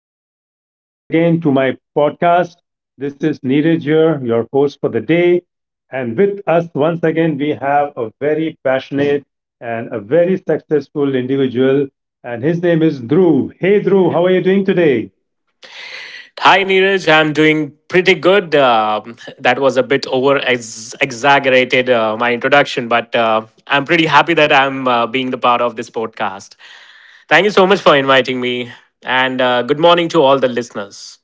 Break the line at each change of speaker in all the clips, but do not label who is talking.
and
and
welcome
welcome once
once
again
again to
to
my
my
podcast.
podcast.
This
This
is
is Neeraj
Neeraj
here,
here,
your
your
host
host for
for
the
the
day.
day.
And
And
with
with
us,
us,
once
once
again,
again,
we
we
have
have a
a
very
very passionate
passionate
and
and a
a
very
very successful
successful individual,
individual, and
and
his
his
name
name is
is Dhruv.
Dhruv. Hey,
Hey,
Dhruv,
Dhruv, how
how
are
are you
you
doing
doing
today?
today?
Hi Neeraj, I'm doing pretty good. That was a bit over exaggerated, my introduction, but I'm pretty happy that I'm being the part of this podcast. Thank you so much for inviting me. And good morning to all the listeners.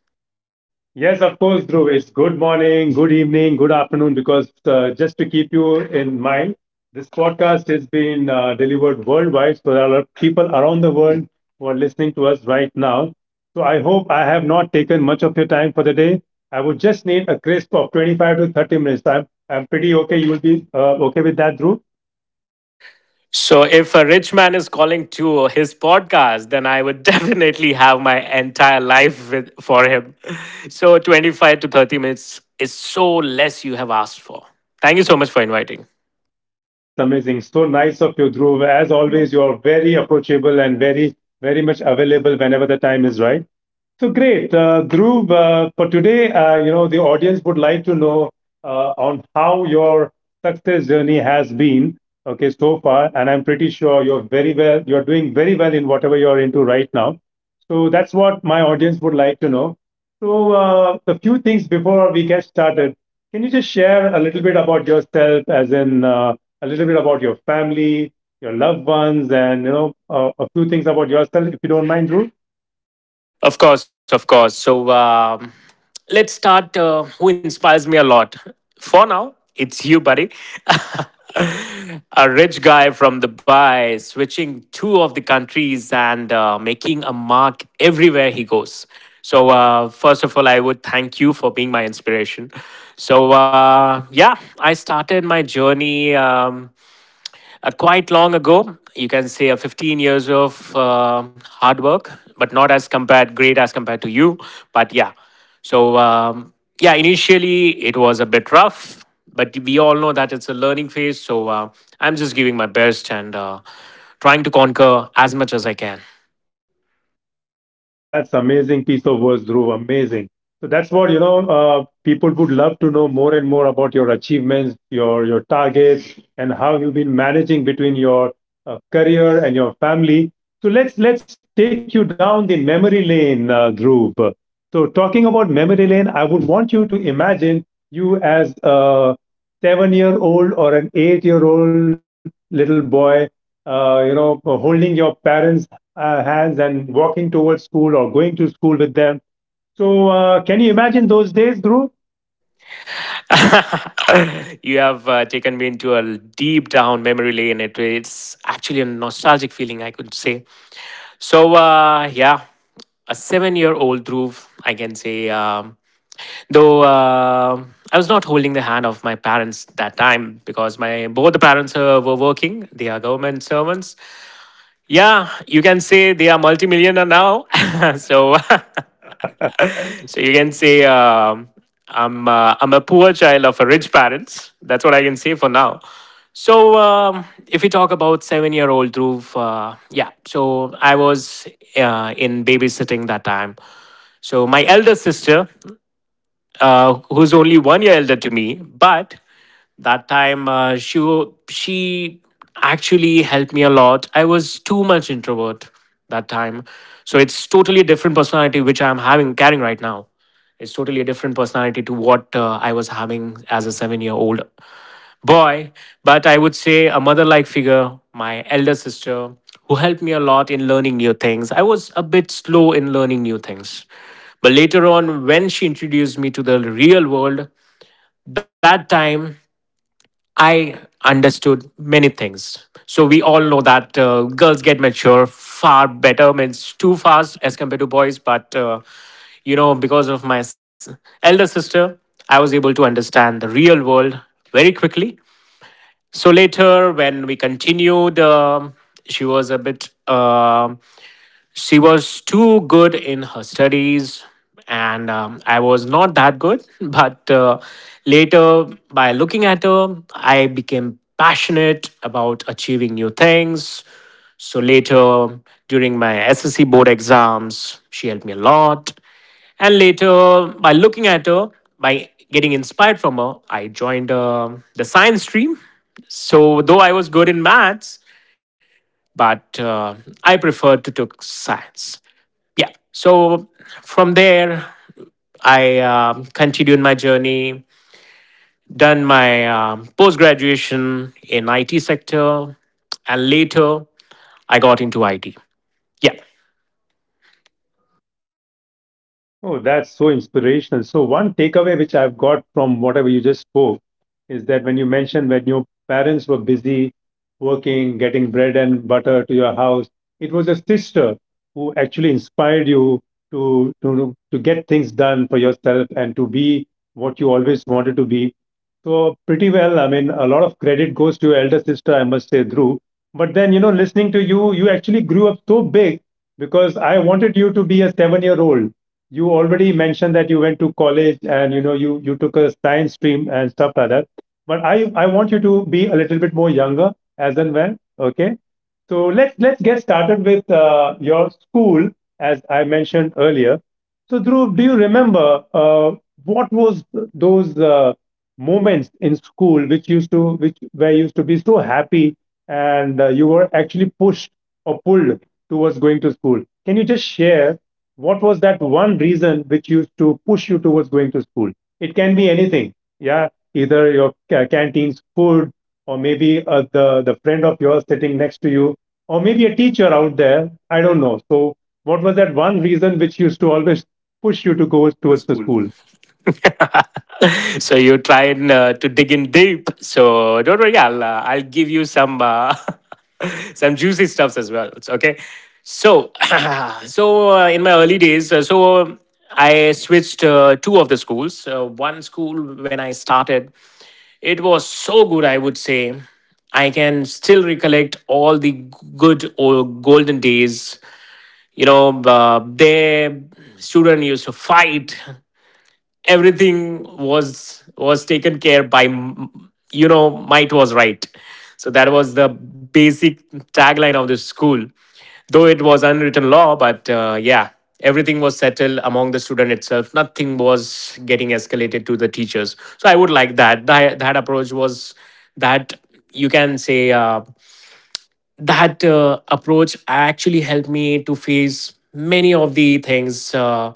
Yes, of course, Dhruv. It's good morning, good evening, good afternoon, because just to keep you in mind, this podcast is being delivered worldwide. So there are people around the world who are listening to us right now. So I hope I have not taken much of your time for the day. I would just need a crisp of 25 to 30 minutes. I'm pretty okay. You will be okay with that, Dhruv?
So, if a rich man is calling to his podcast, then I would definitely have my entire life with, for him. So, 25 to 30 minutes is so less you have asked for. Thank you so much for inviting.
That's amazing. So nice of you, Dhruv. As always, you are very approachable and very, very much available whenever the time is right. So great, Dhruv. For today, you know, the audience would like to know on how your success journey has been. Okay, so far, and I'm pretty sure you're very well. You're doing very well in whatever you're into right now. So that's what my audience would like to know. So the few things before we get started, can you just share a little bit about yourself, as in a little bit about your family, your loved ones, and you know, a few things about yourself, if you don't mind, Dhruv?
Of course, of course. Let's start. Who inspires me a lot? For now, it's you, buddy. A rich guy from Dubai switching two of the countries and making a mark everywhere he goes. So, first of all, I would thank you for being my inspiration. So, yeah, I started my journey. Quite long ago. You can say a 15 years of hard work, but not as compared great as compared to you. But yeah, so yeah, Initially it was a bit rough, but we all know that it's a learning phase. So I'm just giving my best and trying to conquer as much as I can.
That's amazing piece of words, Dhruv. Amazing. So that's what you know. People would love to know more and more about your achievements, your targets, and how you've been managing between your career and your family. So let's take you down the memory lane, Dhruv. So talking about memory lane, I would want you to imagine you as a seven-year-old or an eight-year-old little boy, you know, holding your parents' hands and walking towards school or going to school with them. So, can you imagine those days, Dhruv?
You have taken me into a deep down memory lane. It's actually a nostalgic feeling, I could say. So yeah, a seven-year-old Dhruv, I can say. Though I was not holding the hand of my parents that time because my both the parents were working. They are government servants. Yeah, you can say they are multimillionaire now. so You can say I'm a poor child of a rich parents. That's what I can say for now. So if we talk about 7-year old Dhruv, yeah. So I was in babysitting that time. So my elder sister, who's only 1-year elder to me. But that time, uh, she actually helped me a lot. I was too much introvert that time, so it's totally different personality which I'm having carrying right now. It's totally a different personality to what I was having as a 7-year old boy, but I would say a mother like figure, my elder sister, who helped me a lot in learning new things. I was a bit slow in learning new things. But later on, when she introduced me to the real world, that time I understood many things. So we all know that girls get mature far better, means too fast as compared to boys. But you know, because of my elder sister, I was able to understand the real world very quickly. So later, when we continued, she was a bit um she was too good in her studies, and I was not that good. But later, by looking at her, I became passionate about achieving new things. So later, during my SSC board exams, she helped me a lot. And later, by looking at her, by getting inspired from her, I joined the science stream. So, though I was good in maths, but I preferred to took science. Yeah, so from there I continued my journey, done my post graduation in IT sector, and later I got into IT. Yeah.
Oh, that's so inspirational. So, one takeaway which I've got from whatever you just spoke is that when you mentioned when your parents were busy working, getting bread and butter to your house, it was a sister who actually inspired you to get things done for yourself and to be what you always wanted to be. So, pretty well, I mean, a lot of credit goes to your elder sister, I must say, Dhruv. But then, you know, listening to you, you actually grew up so big because I wanted you to be a 7-year-old old. You already mentioned that you went to college and you know you took a science stream and stuff like that, but I want you to be a little bit more younger as and when. Okay, so let's get started with your school, as I mentioned earlier. So Dhruv, do you remember what was those moments in school which used to which where you used to be so happy and you were actually pushed or pulled towards going to school? Can you just share what was that one reason which used to push you towards going to school? It can be anything, yeah, either your canteen's food or maybe the friend of yours sitting next to you or maybe a teacher out there. I don't know. So, what was that one reason which used to always push you to go
What's the
towards the
school?
school?
So you're trying to dig in deep. So don't worry, I'll give you some some juicy stuffs as well. It's okay. So so in my early days, I switched two of the schools. One school when I started, it was so good. I would say I can still recollect all the good old golden days. You know, the student used to fight. Everything was taken care by you know, might was right. So that was the basic tagline of the school, though it was unwritten law. But yeah, everything was settled among the student itself. Nothing was getting escalated to the teachers. So I would like that approach was, that, you can say that approach actually helped me to face many of the things, uh,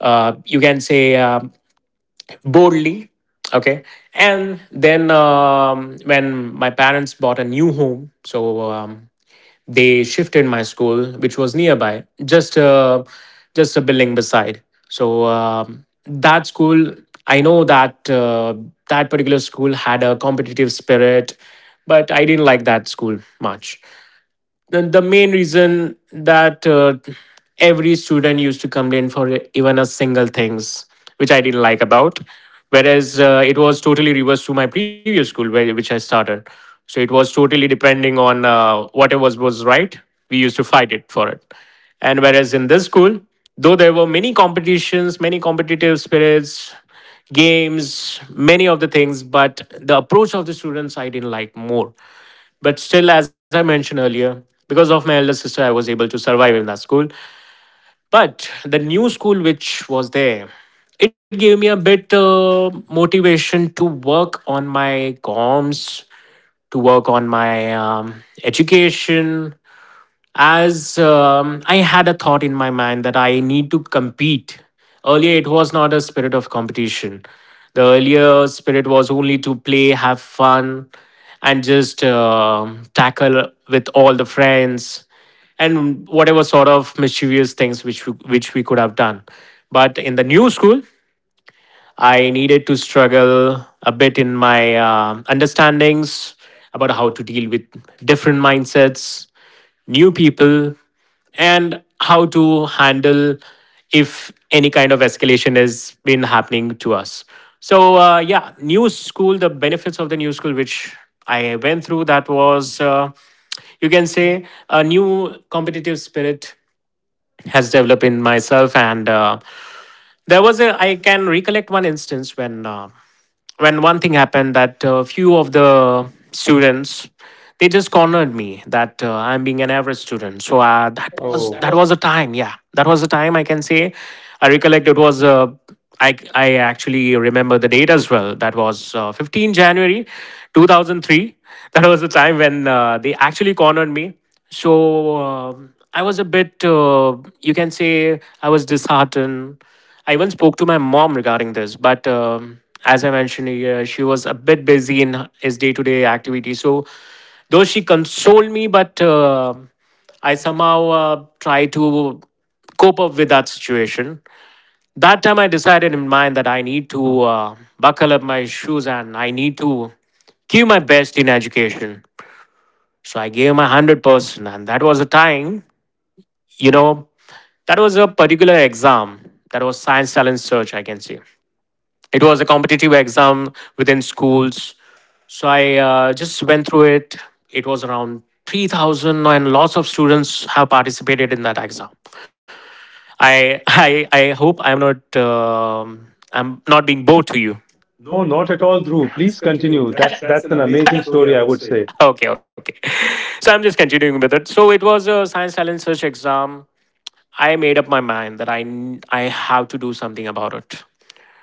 uh, you can say, boldly. Okay, and then when my parents bought a new home, so they shifted my school which was nearby, just a building beside. So that school, I know that that particular school had a competitive spirit, but I didn't like that school much. The main reason that every student used to complain for even a single things, which I didn't like about, whereas it was totally reversed to my previous school where, which I started. So it was totally depending on whatever was right, we used to fight it for it. And whereas in this school, though there were many competitions, many competitive spirits, games, many of the things, but the approach of the students I didn't like more. But still, as I mentioned earlier, because of my elder sister, I was able to survive in that school. But the new school which was there, it gave me a bit motivation to work on my comms, to work on my education, as I had a thought in my mind that I need to compete. Earlier, it was not a spirit of competition. The earlier spirit was only to play, have fun, and just tackle with all the friends and whatever sort of mischievous things which we could have done. But in the new school, I needed to struggle a bit in my understandings about how to deal with different mindsets, new people, and how to handle if any kind of escalation has been happening to us. So, yeah, new school, the benefits of the new school, which I went through, that was, you can say, a new competitive spirit has developed in myself. And there was a, I can recollect one instance when one thing happened that a few of the students, they just cornered me that I'm being an average student. So uh, that was
Oh,
that was a time. Yeah, that was a time I can say. I recollect it was. I actually remember the date as well. That was 15 January, 2003. That was the time when they actually cornered me. So I was a bit. You can say I was disheartened. I even spoke to my mom regarding this, but as I mentioned earlier, she was a bit busy in his day to day activity. So, though she consoled me, but I somehow tried to cope up with that situation. That time, I decided in mind that I need to buckle up my shoes and I need to give my best in education. So, I gave my 100%, and that was a time, you know, that was a particular exam. That was science talent search, I can say. It was a competitive exam within schools. So I just went through it. It was around 3,000, and lots of students have participated in that exam. I hope I'm not being bored to you.
no,
No,
not at
not at
all,
all,
Dhruv.
Dhruv.
Please
Please
continue.
continue.
That's
That's
an
that's an
amazing
amazing
story, I
story, I
would
would
say.
say. Okay, okay. So I'm just continuing with it. So it was a science talent search exam. I made up my mind that I have to do something about it.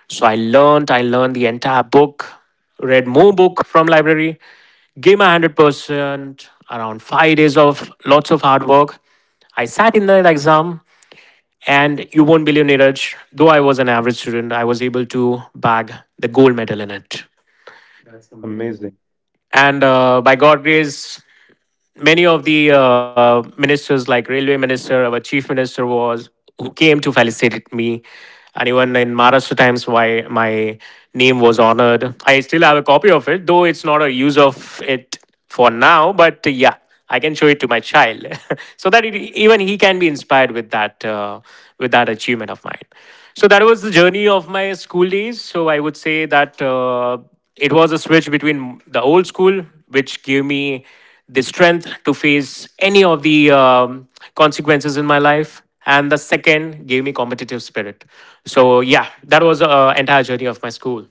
So I learned the entire book, read more book from library, gave my 100% around 5 days of lots of hard work. I sat in the exam and you won't believe, Neeraj, though I was an average student, I was able to bag the gold medal in it. That's
That's amazing.
amazing. And by God's grace, many of the ministers, like railway minister, our chief minister was, who came to felicitate me. And even in Maharashtra Times, why my name was honored. I still have a copy of it, though it's not a use of it for now. But yeah, I can show it to my child, so that it, even he can be inspired with that achievement of mine. So that was the journey of my school days. So I would say that it was a switch between the old school, which gave me the strength to face any of the consequences in my life, and the second gave me competitive spirit. So yeah, that was entire journey of my school.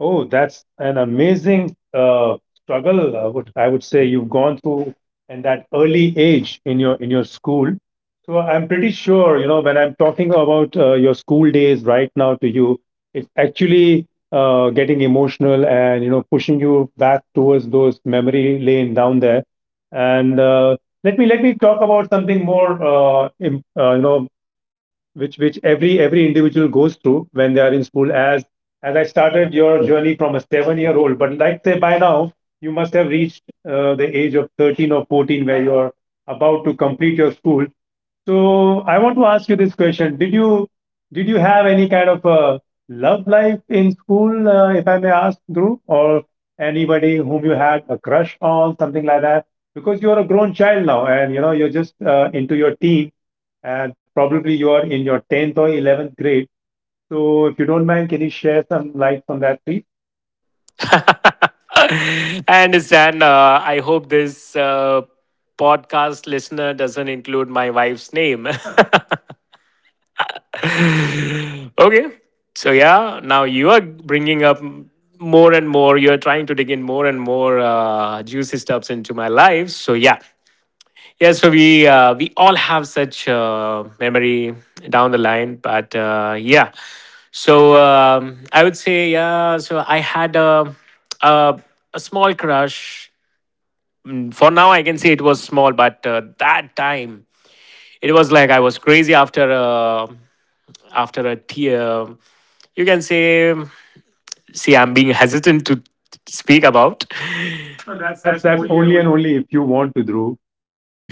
Oh, that's an amazing struggle. I would say you've gone through in that early age in your school. So I'm pretty sure, you know, when I'm talking about your school days right now to you, it's actually getting emotional and you know pushing you back towards those memory lane down there. And let me talk about something more, you know, which every individual goes through when they are in school as I started your journey from a 7-year-old old. But like say by now, you must have reached the age of 13 or 14 where you're about to complete your school. So I want to ask you this question. Did you have any kind of a love life in school, if I may ask, Dhruv, or anybody whom you had a crush on, something like that? Because you're a grown child now and you know you're just into your teens and probably you are in your 10th or 11th grade. So if you don't mind, can you share some lights on that, please?
I understand. I hope this podcast listener doesn't include my wife's name. Okay. So yeah, now you are bringing up more and more, you're trying to dig in more and more juicy stuffs into my life, so yeah. Yeah, so we all have such memory down the line, but yeah. So I would say yeah. So I had a a small crush. For now, I can say it was small, but that time it was like I was crazy after a after a tear. You can say, see, I'm being hesitant to speak about. No,
That's
that's only and
only
only.
and only if you want to,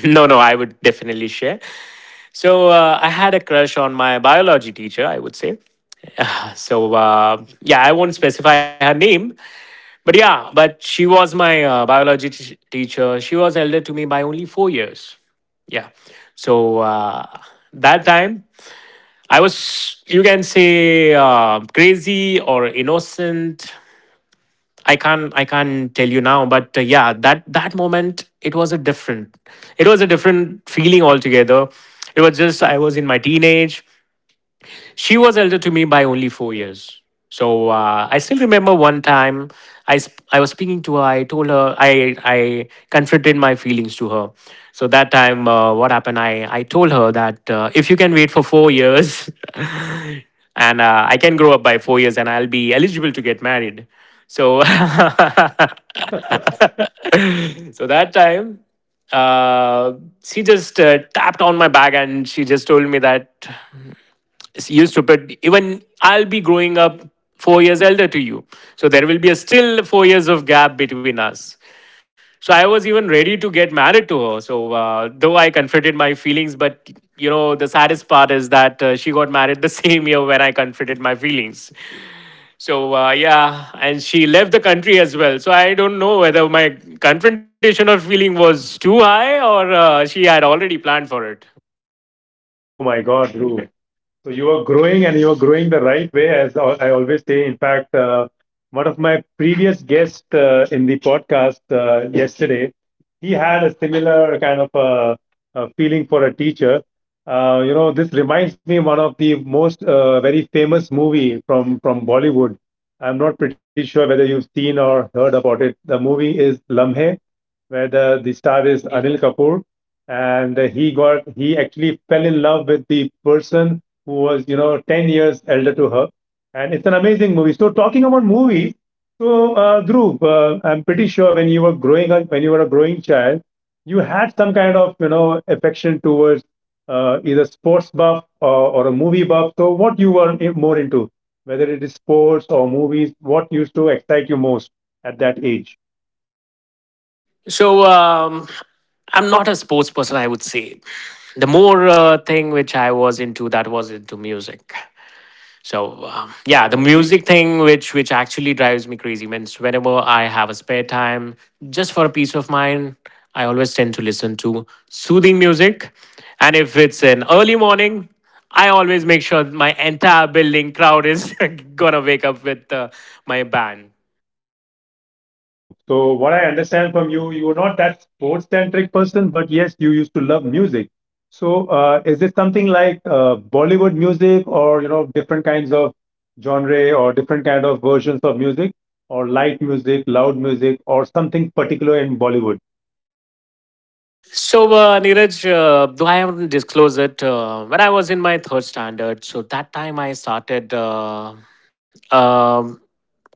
No, no, I would definitely share. So I had a crush on my biology teacher, I would say. So yeah, I won't specify her name, but yeah, but she was my biology teacher. She was elder to me by only 4 years. Yeah, so that time I was, you can say, crazy or innocent. I can't tell you now, but yeah, that that moment it was it was a different feeling altogether. It was just I was in my teenage, she was elder to me by only 4 years. So I still remember one time I was speaking to her. I told her, I confronted my feelings to her. So that time, what happened? I told her that if you can wait for 4 years, and I can grow up by 4 years, and I'll be eligible to get married. So
Dhruv.
so that time, uh, she just tapped on my back and she just told me that, you stupid, even I'll be growing up 4 years elder to you, so there will be a still 4 years of gap between us. So I was even ready to get married to her. So though I confronted my feelings, but you know, the saddest part is that she got married the same year when I confronted my feelings. So yeah, and she left the country as well, so I don't know whether my confrontation of feeling was too high or she had already planned for it.
Oh my God, Dhruv. So you are growing and you are growing the right way, as I always say. In fact, one of my previous guests in the podcast yesterday, he had a similar kind of a feeling for a teacher. You know, this reminds me one of the most very famous movie from Bollywood. I'm not pretty sure whether you've seen or heard about it. The movie is Lamhe, where the star is Anil Kapoor, and he actually fell in love with the person who was, you know, 10 years elder to her. And it's an amazing movie. So, talking about movies, so Dhruv, I'm pretty sure when you were growing up, when you were a growing child, you had some kind of, you know, affection towards either sports buff or, a movie buff. So, what you were more into, whether it is sports or movies, what used to excite you most at that age?
So I'm not a sports person, I would say. The more thing which I was into, that was into music. So yeah,
Yeah.
the
Oh.
music thing, which actually drives me crazy. Means whenever I have a spare time, just for a peace of mind, I always tend to listen to soothing music. And if it's an early morning, I always make sure my entire building crowd is gonna wake up with my band.
Oh, so what I understand from you, you were not that sports centric person, but yes, you used to love music. So, is it something like Bollywood music, or you know, different kinds of genre, or different kind of versions of music, or light music, loud music, or something particular in Bollywood?
So, Neeraj, though I haven't disclosed it, when I was in my third standard, so that time I started um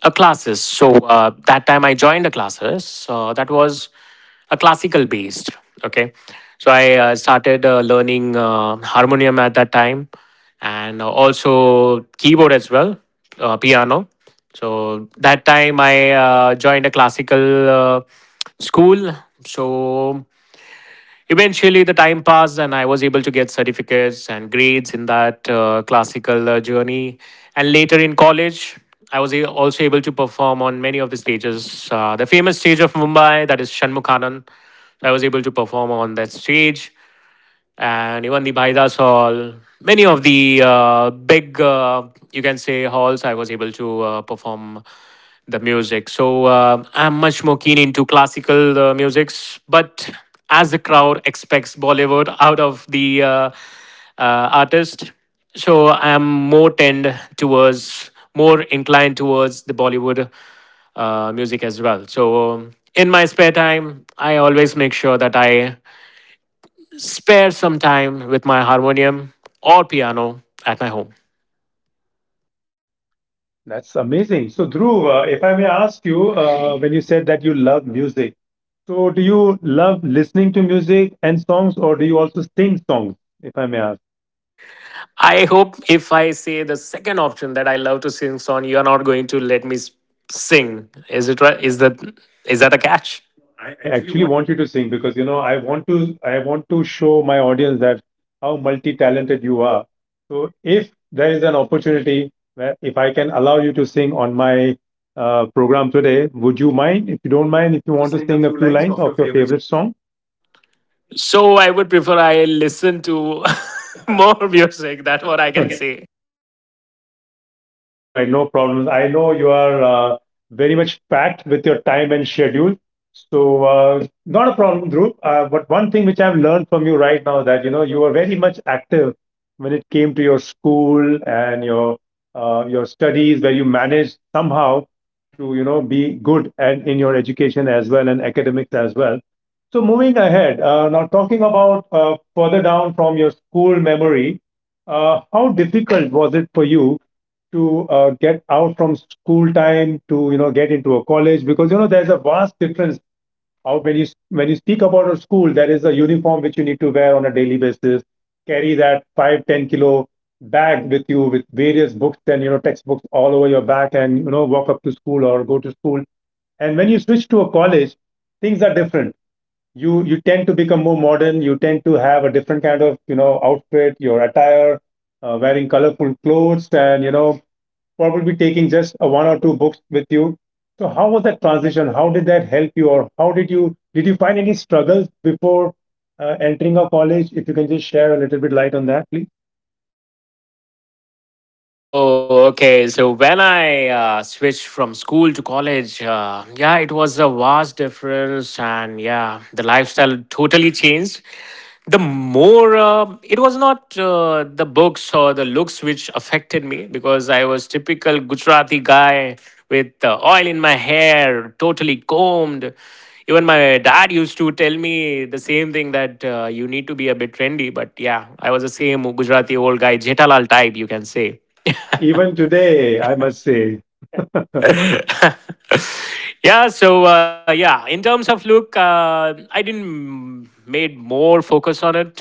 a classes. So that time I joined a classes that was a classical based. Okay, so I started learning harmonium at that time, and also keyboard as well, piano. So that time I joined a classical school. So eventually, the time passed, and I was able to get certificates and grades in that classical journey. And later in college, also able to perform on many of the stages. The famous stage of Mumbai, that is Shanmukhanan, I was able to perform on that stage, and even the Baidas Hall. Many of the big, you can say, halls I was able to perform the music. So I'm much more keen into classical musics, but as the crowd expects Bollywood out of the artist, so I'm more tend towards, more inclined towards the Bollywood music as well. So in my spare time, I always make sure that I spare some time with my harmonium or piano at my home.
That's amazing. So, Dhruv, if I may ask you, when you said that you love music, so do you love listening to music and songs, or do you also sing songs, if I may ask?
I hope if I say the second option that I love to sing song, you are not going to let me sing. Is it right? Is that a catch?
No,
I
I
actually
actually want you to sing because you know I want to show my audience that how multi-talented you are. So if there is an opportunity where if I can allow you to sing on my program today, would you mind? If you don't mind, if you
want to
want to
sing a
sing a
few
few
lines
lines
of your
of your
favorite.
favorite song.
So I would prefer I listen to more music.
Like
That's what I
that, I
can
can.
say.
All right, no problems. I know you are very much packed with your time and schedule. So, not a problem, Dhruv. But one thing which I've learned from you right now that you know you were very much active when it came to your school and your studies, where you managed somehow to you know be good and in your education as well and academics as well. So moving ahead, now talking about further down from your school memory, how difficult was it for you to get out from school time to you know get into a college? Because you know there's a vast difference out when you speak about a school, there is a uniform which you need to wear on a daily basis, carry that 5-10 kilo bag with you with various books and you know textbooks all over your back, and you know walk up to school or go to school. And when you switch to a college, things are different. You tend to become more modern. You tend to have a different kind of, you know, outfit, your attire, wearing colorful clothes and you know probably taking just a one or two books with you. So how was that transition? How did that help you, or how did you, did you find any struggles before entering a college? If you can just share a little bit light on that, please.
Oh, okay. So when I switched from school to college, yeah, it was a vast difference, and yeah, the lifestyle totally changed. The more it was not the books or the looks which affected me, because I was typical Gujarati guy with oil in my hair, totally combed. Even my dad used to tell me the same thing that you need to be a bit trendy. But yeah, I was the same Gujarati old guy, Jetalal type, you can say. Even
Even today,
today,
I
I must
must
say.
say.
Yeah, so yeah, in terms of look, I didn't made more focus on it,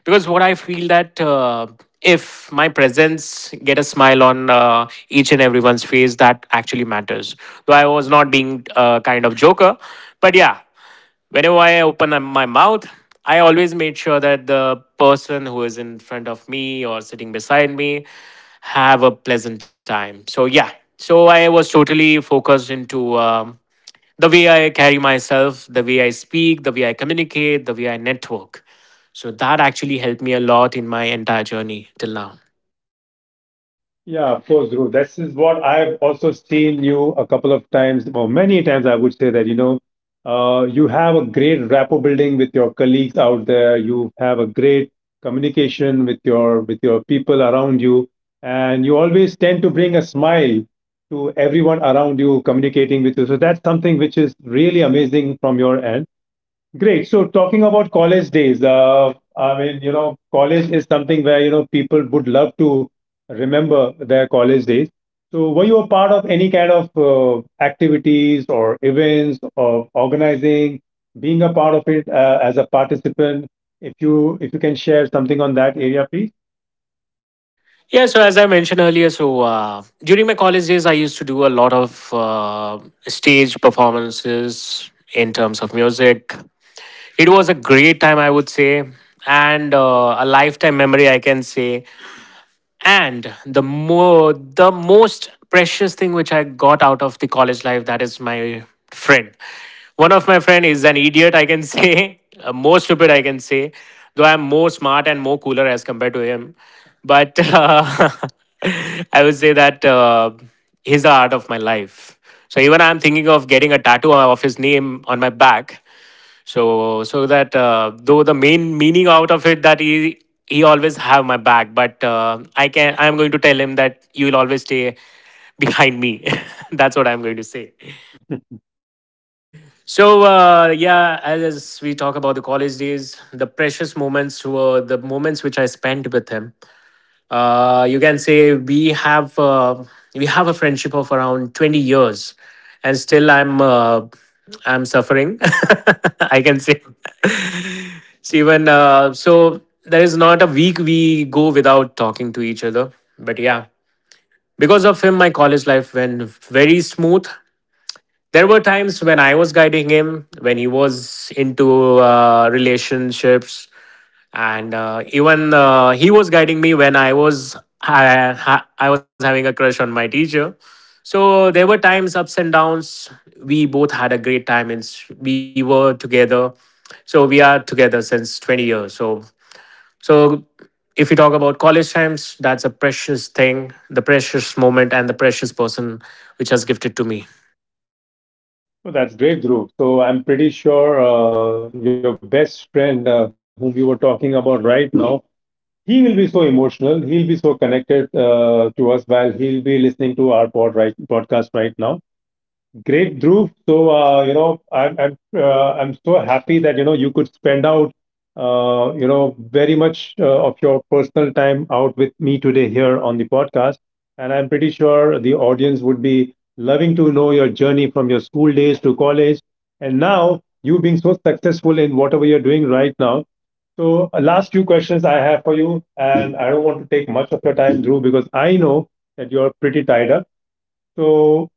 because what I feel that if my presence get a smile on each and everyone's face, that actually matters. Though I was not being kind of joker, but yeah, whenever I open up my mouth, I always made sure that the person who is in front of me or sitting beside me have a pleasant time. So yeah, so I was totally focused into the way I carry myself, the way I speak, the way I communicate, the way I network. So that actually helped me a lot in my entire journey till now.
Yeah, of course, Dhruv. This is what I've also seen you a couple of times, or many times, I would say that, you know, you have a great rapport building with your colleagues out there. You have a great communication with your people around you, and you always tend to bring a smile to everyone around you communicating with you. So that's something which is really amazing from your end. Great. So talking about college days, I mean, you know, college is something where, you know, people would love to remember their college days. So were you a part of any kind of activities or events or organizing, being a part of it as a participant? If you can share something on that area, please.
Yeah, so as I mentioned earlier, so during my college days, I used to do a lot of stage performances in terms of music. It was a great time, I would say, and a lifetime memory, I can say. And the most precious thing which I got out of the college life, that is my friend. One of my friend is an idiot, I can say. More stupid, I can say, though I'm more smart and more cooler as compared to him. But I would say that he's the art of my life. So even I'm thinking of getting a tattoo of his name on my back, so so that though the main meaning out of it, that he always have my back. But I'm going to tell him that you will always stay behind me. That's what I'm going to say. So yeah, as we talk about the college days, the precious moments were the moments which I spent with him. You can say we have a friendship of around 20 years, and still I'm suffering. I can say. So even so, there is not a week we go without talking to each other. But yeah, because of him, my college life went very smooth. There were times when I was guiding him, when he was into relationships, and even he was guiding me when I was having a crush on my teacher. So there were times ups and downs. We both had a great time, and we were together. So we are together since 20 years. So so if you talk about college times, that's a precious thing, the precious moment, and the precious person which has gifted to me.
Well, that's great, Dhruv. So I'm pretty sure your best friend, whom you were talking about right now, he will be so emotional. He'll be so connected to us while he'll be listening to our podcast right now. Great, Dhruv. So you know, I'm so happy that you know you could spend out you know very much of your personal time out with me today here on the podcast, and I'm pretty sure the audience would be loving to know your journey from your school days to college, and now you being so successful in whatever you're doing right now. So, last few questions I have for you, and I don't want to take much of your time, Drew, because I know that you're pretty tied up. So,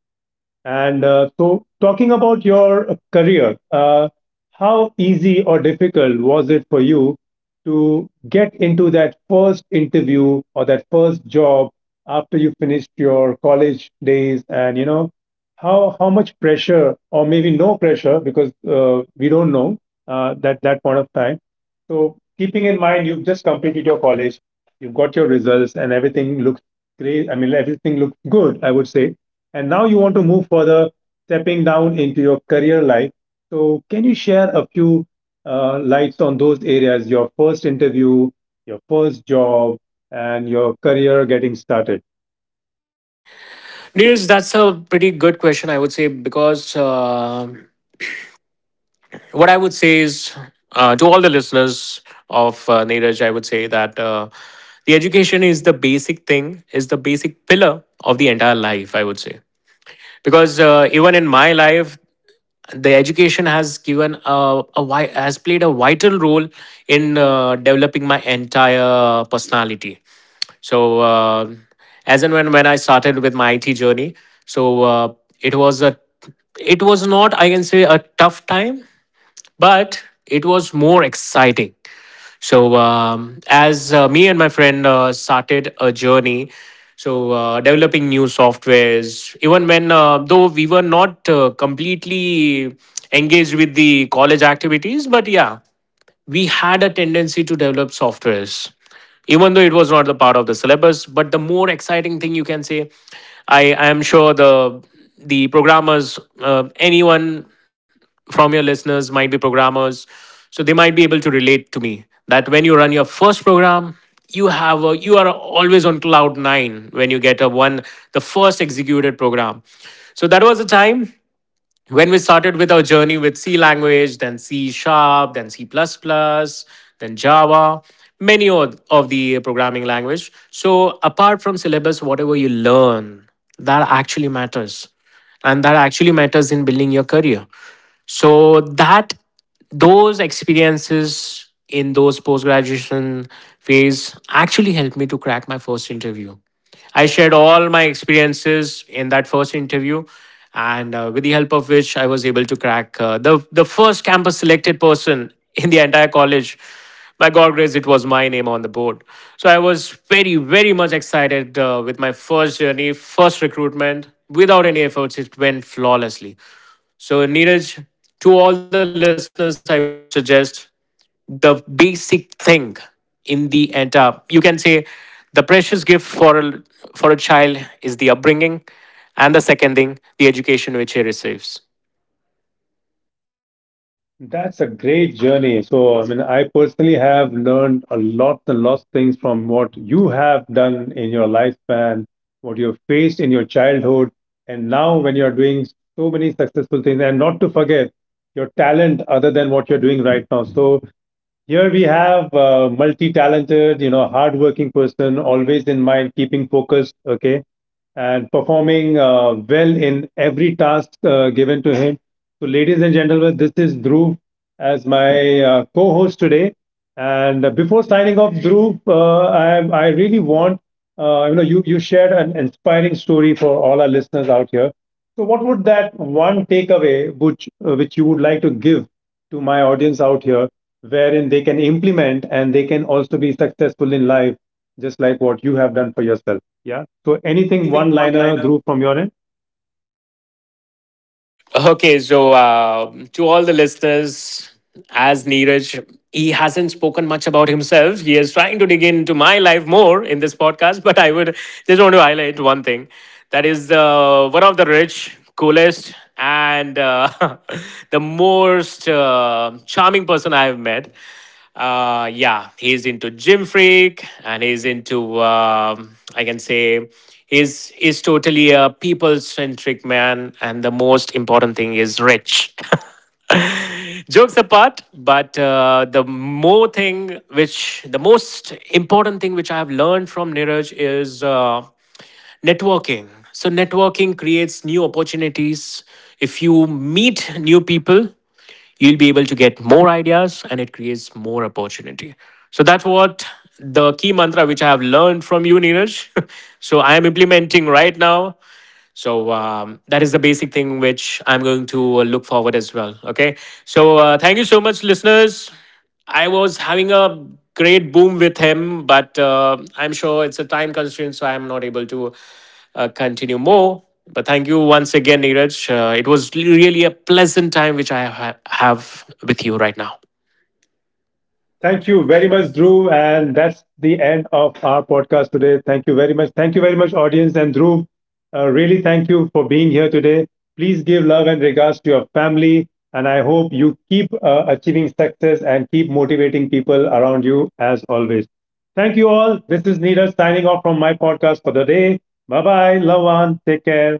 and so, talking about your career, how easy or difficult was it for you to get into that first interview or that first job after you finished your college days? And you know, how much pressure, or maybe no pressure, because we don't know that point of time. So, keeping in mind you've just completed your college, you've got your results, and everything looks great. I mean, everything looks good, I would say, and now you want to move further, stepping down into your career life. So, can you share a few lights on those areas? Your first interview, your first job, and your career getting started.
Neeraj, that's a pretty good question, I would say, because. What I would say is to all the listeners of Neeraj, I would say that the education is the basic thing, is the basic pillar of the entire life, I would say. Because even in my life, the education has given has played a vital role in developing my entire personality. So as and when I started with my IT journey, so it was a it was not, I can say, a tough time, but it was more exciting. So, as me and my friend started a journey, so developing new softwares, even when though we were not completely engaged with the college activities, but yeah, we had a tendency to develop softwares, even though it was not the part of the syllabus. But the more exciting thing you can say, I am sure the programmers, anyone from your listeners might be programmers, so they might be able to relate to me that when you run your first program, you have a, you are always on cloud 9 when you get a one, the first executed program. So that was the time when we started with our journey with C language, then C sharp, then C++, plus, plus, then Java, many of the programming language. So apart from syllabus, whatever you learn, that actually matters. And that actually matters in building your career. So that those experiences in those post graduation phase actually helped me to crack my first interview. I shared all my experiences in that first interview, and with the help of which I was able to crack the first campus selected person in the entire college. By God grace, it was my name on the board. So I was very, very much excited with my first journey, first recruitment. Without any efforts, it went flawlessly. So, Neeraj, to all the listeners, I would suggest the basic thing in the entire, you can say, the precious gift for a child is the upbringing, and the second thing, the education which he receives.
That's a great journey. So, I mean, I personally have learned a lot and lots of things from what you have done in your lifespan, what you've faced in your childhood, and now when you're doing so many successful things, and not to forget your talent other than what you're doing right now. So, here we have a multi-talented, you know, hardworking person, always in mind, keeping focused, okay, and performing well in every task given to him. So, ladies and gentlemen, this is Dhruv as my co-host today. And before signing off, Dhruv, I really want, you know, you shared an inspiring story for all our listeners out here. So, what would that one takeaway, which you would like to give to my audience out here, wherein they can implement and they can also be successful in life, just like what you have done for yourself? Yeah. So anything
Anything
one
one
liner,
liner.
Dhruv, from your end?
Okay, so to all the listeners, as Neeraj, he hasn't spoken much about himself. He is trying to dig into my life more in this podcast, but I would just want to highlight one thing, that is one of the rich, coolest, and the most charming person I have met. Yeah, he's into gym freak, and he's into I can say he's is totally a people centric man, and the most important thing is rich. Jokes apart, but the more thing which the most important thing which I have learned from Niraj is networking. So networking creates new opportunities. If you meet new people, you'll be able to get more ideas, and it creates more opportunity. So that's what the key mantra which I have learned from you, Neeraj. So I am implementing right now. So that is the basic thing which I'm going to look forward as well. Okay, so thank you so much, listeners. I was having a great boom with him, but I'm sure it's a time constraint, so I'm not able to continue more. But thank you once again, Neeraj. It was really a pleasant time which have with you right now.
Thank
Thank
you
you very
very much,
much,
Dhruv.
Dhruv.
And that's the end of our podcast today. Thank you very much. Thank you very much, audience. And Dhruv, really thank you for being here today. Please give love and regards to your family. And I hope you keep achieving success and keep motivating people around you as always. Thank you all. This is Neera signing off from my podcast for the day. Bye bye. Love one. Take care.